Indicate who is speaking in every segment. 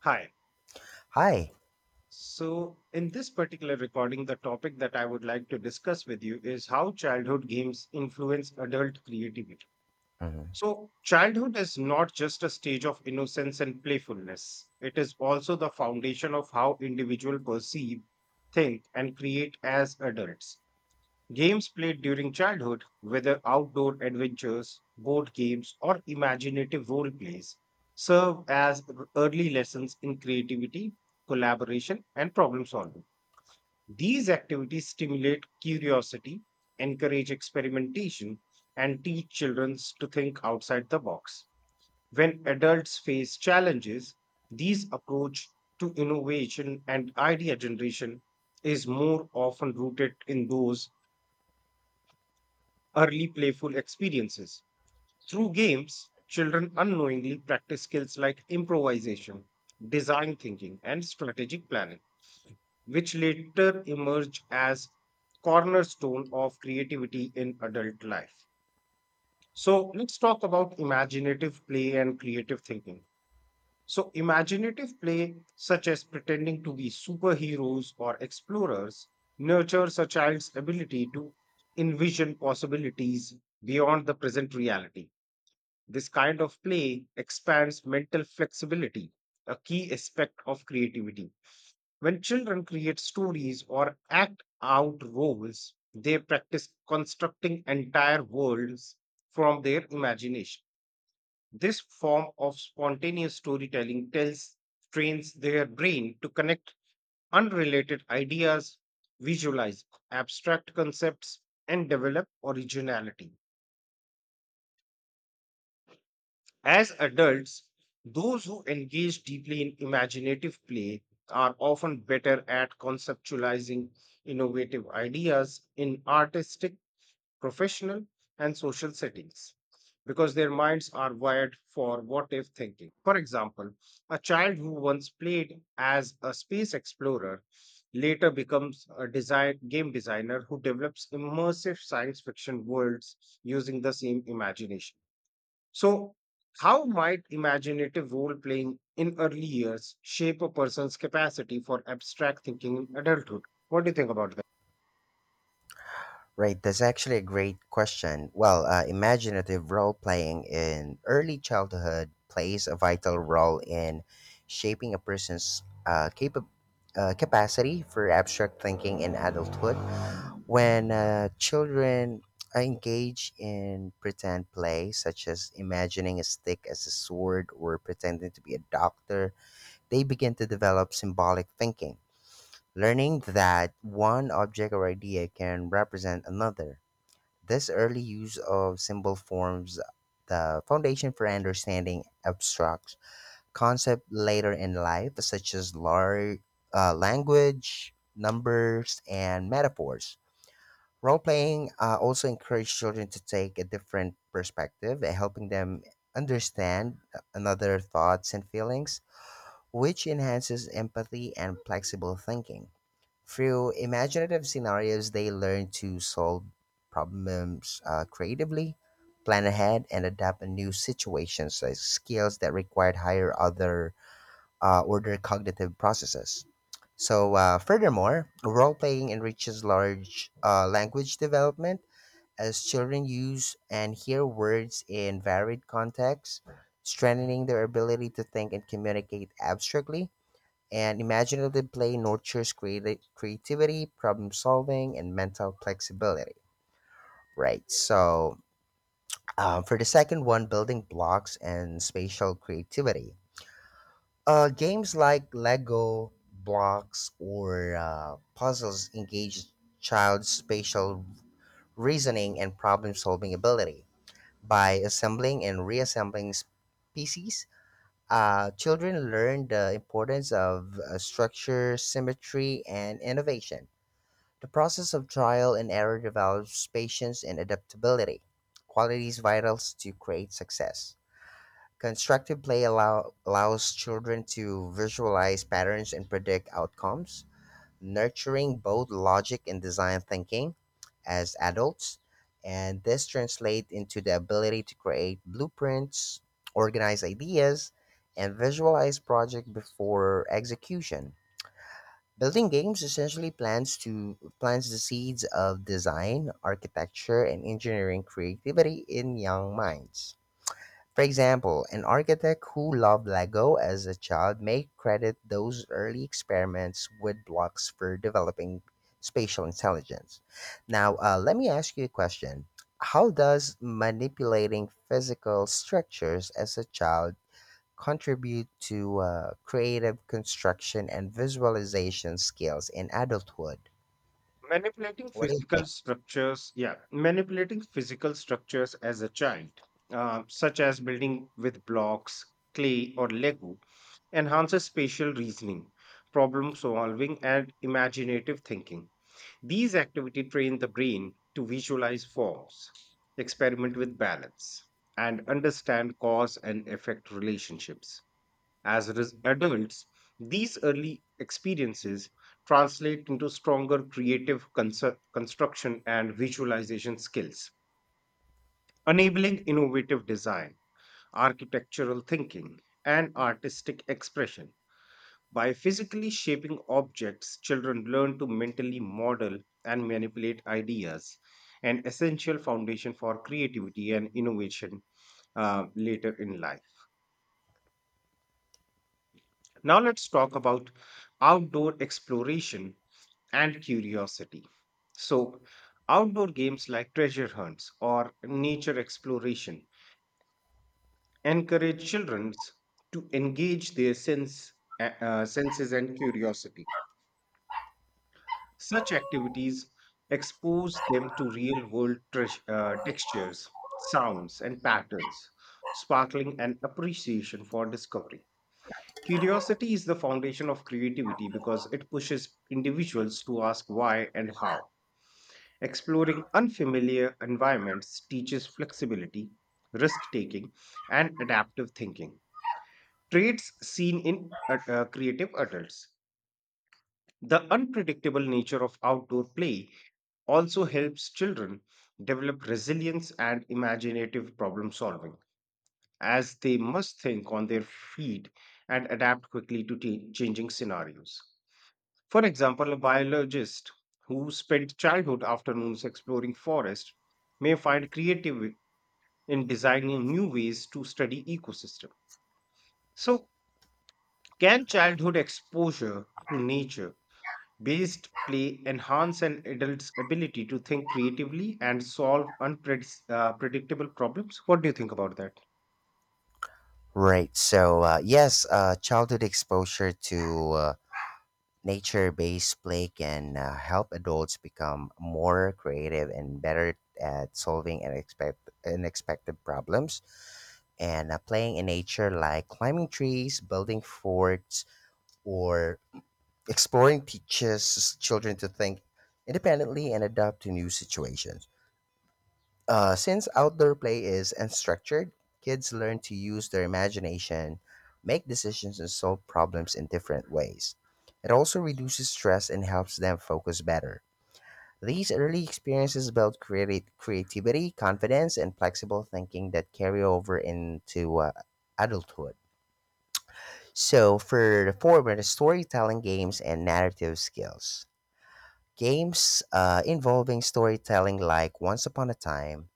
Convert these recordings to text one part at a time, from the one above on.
Speaker 1: Hi.
Speaker 2: Hi.
Speaker 1: So, in this particular recording, the topic that I would like to discuss with you is how childhood games influence adult creativity.
Speaker 2: Mhm.
Speaker 1: So, childhood is not just a stage of innocence and playfulness, it is also the foundation of how individuals perceive, think, and create as adults. Games played during childhood, whether outdoor adventures, board games, or imaginative role plays, serve as early lessons in creativity, collaboration, and problem solving. These activities stimulate curiosity, encourage experimentation, and teach children to think outside the box. When adults face challenges, these approach to innovation and idea generation is more often rooted in those early playful experiences. Through games, children unknowingly practice skills like improvisation, design thinking, and strategic planning, which later emerge as cornerstone of creativity in adult life. So let's talk about imaginative play and creative thinking. So imaginative play, such as pretending to be superheroes or explorers, nurtures a child's ability to envision possibilities beyond the present reality. This kind of play expands mental flexibility, a key aspect of creativity. When children create stories or act out roles, they practice constructing entire worlds from their imagination. This form of spontaneous storytelling tells trains their brain to connect unrelated ideas, visualize abstract concepts, and develop originality. As adults, those who engage deeply in imaginative play are often better at conceptualizing innovative ideas in artistic, professional, and social settings because their minds are wired for what if thinking. For example, a child who once played as a space explorer later becomes a design, game designer who develops immersive science fiction worlds using the same imagination. So, how might imaginative role playing in early years shape a person's capacity for abstract thinking in adulthood? What do you think about that?
Speaker 2: Right, that's actually a great question. Well, imaginative role playing in early childhood plays a vital role in shaping a person's capacity for abstract thinking in adulthood. When children engage in pretend play, such as imagining a stick as a sword or pretending to be a doctor, they begin to develop symbolic thinking, learning that one object or idea can represent another. This early use of symbol forms the foundation for understanding abstract concepts later in life, such as language, numbers, and metaphors. Role playing also encourages children to take a different perspective, helping them understand another thoughts and feelings, which enhances empathy and flexible thinking. Through imaginative scenarios, they learn to solve problems creatively, plan ahead, and adapt in new situations, skills that required higher other order cognitive processes. So, furthermore, role playing enriches large language development as children use and hear words in varied contexts, strengthening their ability to think and communicate abstractly. And imaginative play nurtures creativity, problem solving, and mental flexibility. Right. So, for the second one, building blocks and spatial creativity. Games like Lego blocks or puzzles engage child's spatial reasoning and problem solving ability. By assembling and reassembling pieces, children learn the importance of structure, symmetry, and innovation. The process of trial and error develops patience and adaptability, qualities vital to create success. Constructive play allows children to visualize patterns and predict outcomes, nurturing both logic and design thinking as adults, and this translates into the ability to create blueprints, organize ideas, and visualize projects before execution. Building games essentially plants the seeds of design, architecture, and engineering creativity in young minds. For example, an architect who loved Lego as a child may credit those early experiments with blocks for developing spatial intelligence. Now, let me ask you a question. How does manipulating physical structures as a child contribute to creative construction and visualization skills in adulthood?
Speaker 1: Manipulating
Speaker 2: What do you
Speaker 1: physical
Speaker 2: think?
Speaker 1: structures, yeah, manipulating physical structures as a child, such as building with blocks, clay, or Lego, enhances spatial reasoning, problem solving, and imaginative thinking. These activities train the brain to visualize forms, experiment with balance, and understand cause and effect relationships. As adults, these early experiences translate into stronger creative construction and visualization skills, enabling innovative design, architectural thinking, and artistic expression. By physically shaping objects, children learn to mentally model and manipulate ideas, an essential foundation for creativity and innovation later in life. Now, let's talk about outdoor exploration and curiosity. So, outdoor games like treasure hunts or nature exploration encourage children to engage their sense, senses and curiosity. Such activities expose them to real world textures, sounds, and patterns, sparkling an appreciation for discovery. Curiosity is the foundation of creativity because it pushes individuals to ask why and how. Exploring unfamiliar environments teaches flexibility, risk taking, and adaptive thinking, traits seen in creative adults. The unpredictable nature of outdoor play also helps children develop resilience and imaginative problem solving, as they must think on their feet and adapt quickly to changing scenarios. For example, a biologist who spent childhood afternoons exploring forest may find creative in designing new ways to study ecosystem. So, can childhood exposure to nature Based play enhance an adult's ability to think creatively and solve unpredictable problems. What do you think about that?
Speaker 2: Right. So, yes, childhood exposure to nature based play can help adults become more creative and better at solving unexpected problems. And playing in nature, like climbing trees, building forts, or exploring, teaches children to think independently and adapt to new situations. Since outdoor play is unstructured, kids learn to use their imagination, make decisions, and solve problems in different ways. It also reduces stress and helps them focus better. These early experiences build creativity, confidence, and flexible thinking that carry over into adulthood. So, for the former, the storytelling games and narrative skills. Games involving storytelling, like Once Upon a Time,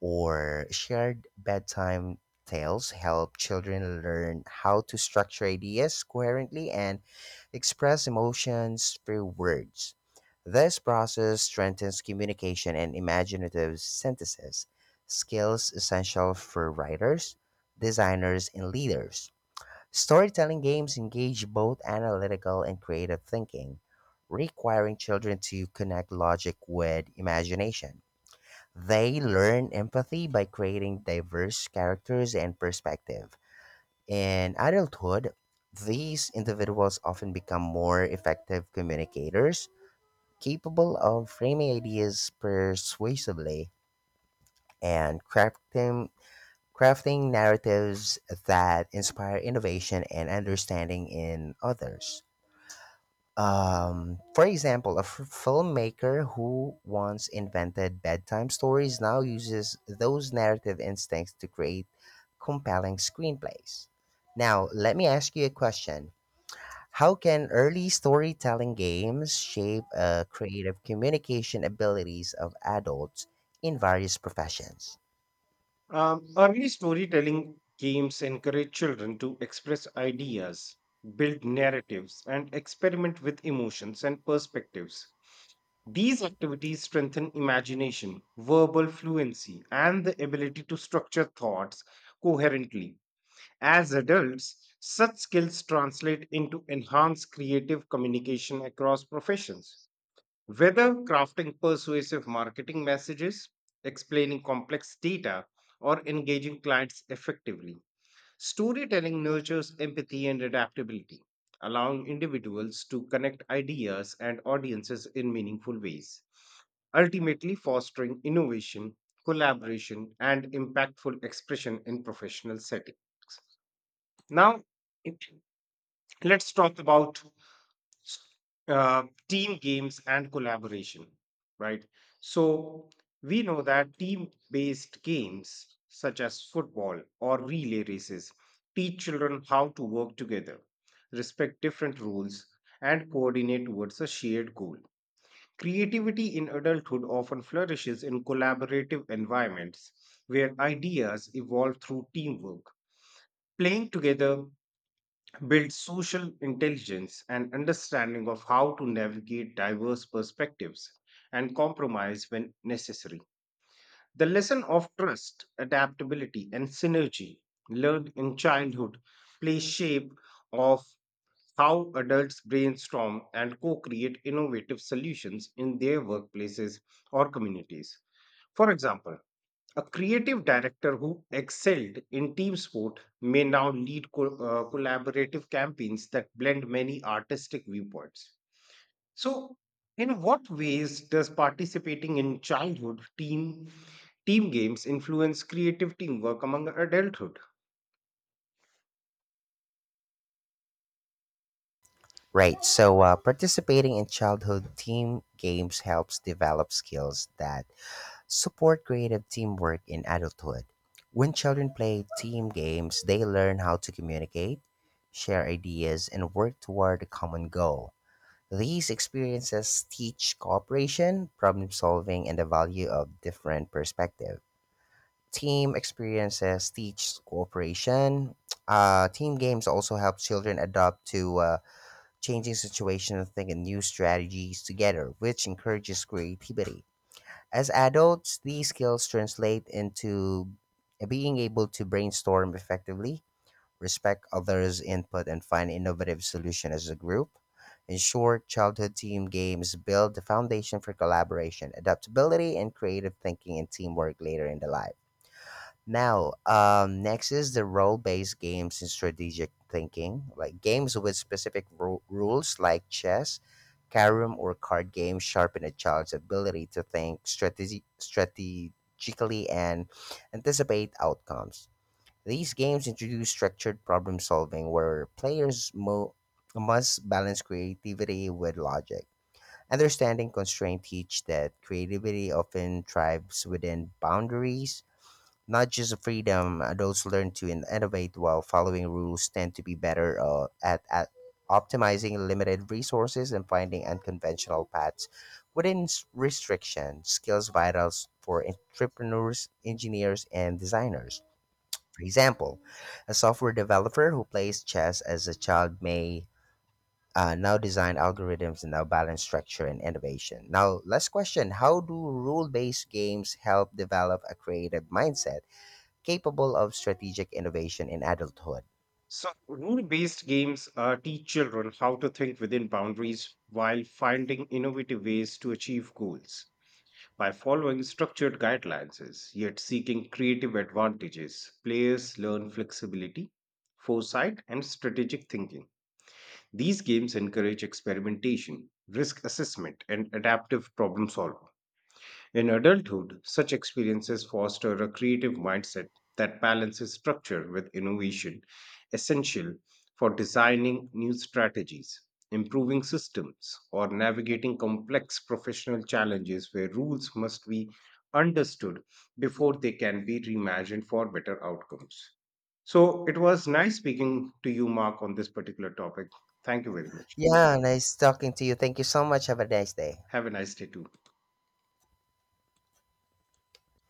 Speaker 2: or shared bedtime tales help children learn how to structure ideas coherently and express emotions through words. This process strengthens communication and imaginative synthesis, skills essential for writers, designers, and leaders. Storytelling games engage both analytical and creative thinking, requiring children to connect logic with imagination. They learn empathy by creating diverse characters and perspective. In adulthood, these individuals often become more effective communicators, capable of framing ideas persuasively and crafting narratives that inspire innovation and understanding in others. For example, a filmmaker who once invented bedtime stories now uses those narrative instincts to create compelling screenplays. Now, let me ask you a question. How can early storytelling games shape creative communication abilities of adults in various professions?
Speaker 1: Early storytelling games encourage children to express ideas, build narratives, and experiment with emotions and perspectives. These activities strengthen imagination, verbal fluency, and the ability to structure thoughts coherently. As adults, such skills translate into enhanced creative communication across professions. Whether crafting persuasive marketing messages, explaining complex data, or engaging clients effectively, storytelling nurtures empathy and adaptability, allowing individuals to connect ideas and audiences in meaningful ways, ultimately fostering innovation, collaboration, and impactful expression in professional settings. Now, it, let's talk about team games and collaboration, right? So, we know that team based games such as football or relay races teach children how to work together, respect different rules, and coordinate towards a shared goal. Creativity in adulthood often flourishes in collaborative environments where ideas evolve through teamwork. Playing together build social intelligence and understanding of how to navigate diverse perspectives and compromise when necessary. The lesson of trust, adaptability, and synergy learned in childhood play shape of how adults brainstorm and co-create innovative solutions in their workplaces or communities. For example, a creative director who excelled in team sport may now lead collaborative campaigns that blend many artistic viewpoints. So, in what ways does participating in childhood team games influence creative teamwork among adulthood?
Speaker 2: Right, so participating in childhood team games helps develop skills that support creative teamwork in adulthood. When children play team games, they learn how to communicate, share ideas, and work toward a common goal. These experiences teach cooperation, problem solving, and the value of different perspective. Team experiences teach cooperation. Team games also help children adapt to changing situations and think of new strategies together, which encourages creativity. As adults, these skills translate into being able to brainstorm effectively, respect others' input, and find innovative solutions as a group. In short, childhood team games build the foundation for collaboration, adaptability, and creative thinking and teamwork later in the life. Now, next is the role-based games and strategic thinking, like games with specific rules, like chess, carom, or card games, sharpen a child's ability to think strategically and anticipate outcomes. These games introduce structured problem solving, where players must balance creativity with logic. Understanding constraint teach that creativity often thrives within boundaries not just freedom, adults learn to innovate while following rules tend to be better at optimizing limited resources and finding unconventional paths within restriction. Skills vital for entrepreneurs, engineers, and designers. For example, a software developer who plays chess as a child may now design algorithms and now balance structure and innovation. Now, last question. How do rule based games help develop a creative mindset capable of strategic innovation in adulthood?
Speaker 1: So, rule-based games teach children how to think within boundaries while finding innovative ways to achieve goals. By following structured guidelines, yet seeking creative advantages, players learn flexibility, foresight, and strategic thinking. These games encourage experimentation, risk assessment, and adaptive problem solving. In adulthood, such experiences foster a creative mindset that balances structure with innovation, essential for designing new strategies, improving systems, or navigating complex professional challenges where rules must be understood before they can be reimagined for better outcomes. So, it was nice speaking to you, Mark, on this particular topic. Thank you very much.
Speaker 2: Yeah, nice talking to you. Thank you so much. Have a nice day.
Speaker 1: Have a nice day, too.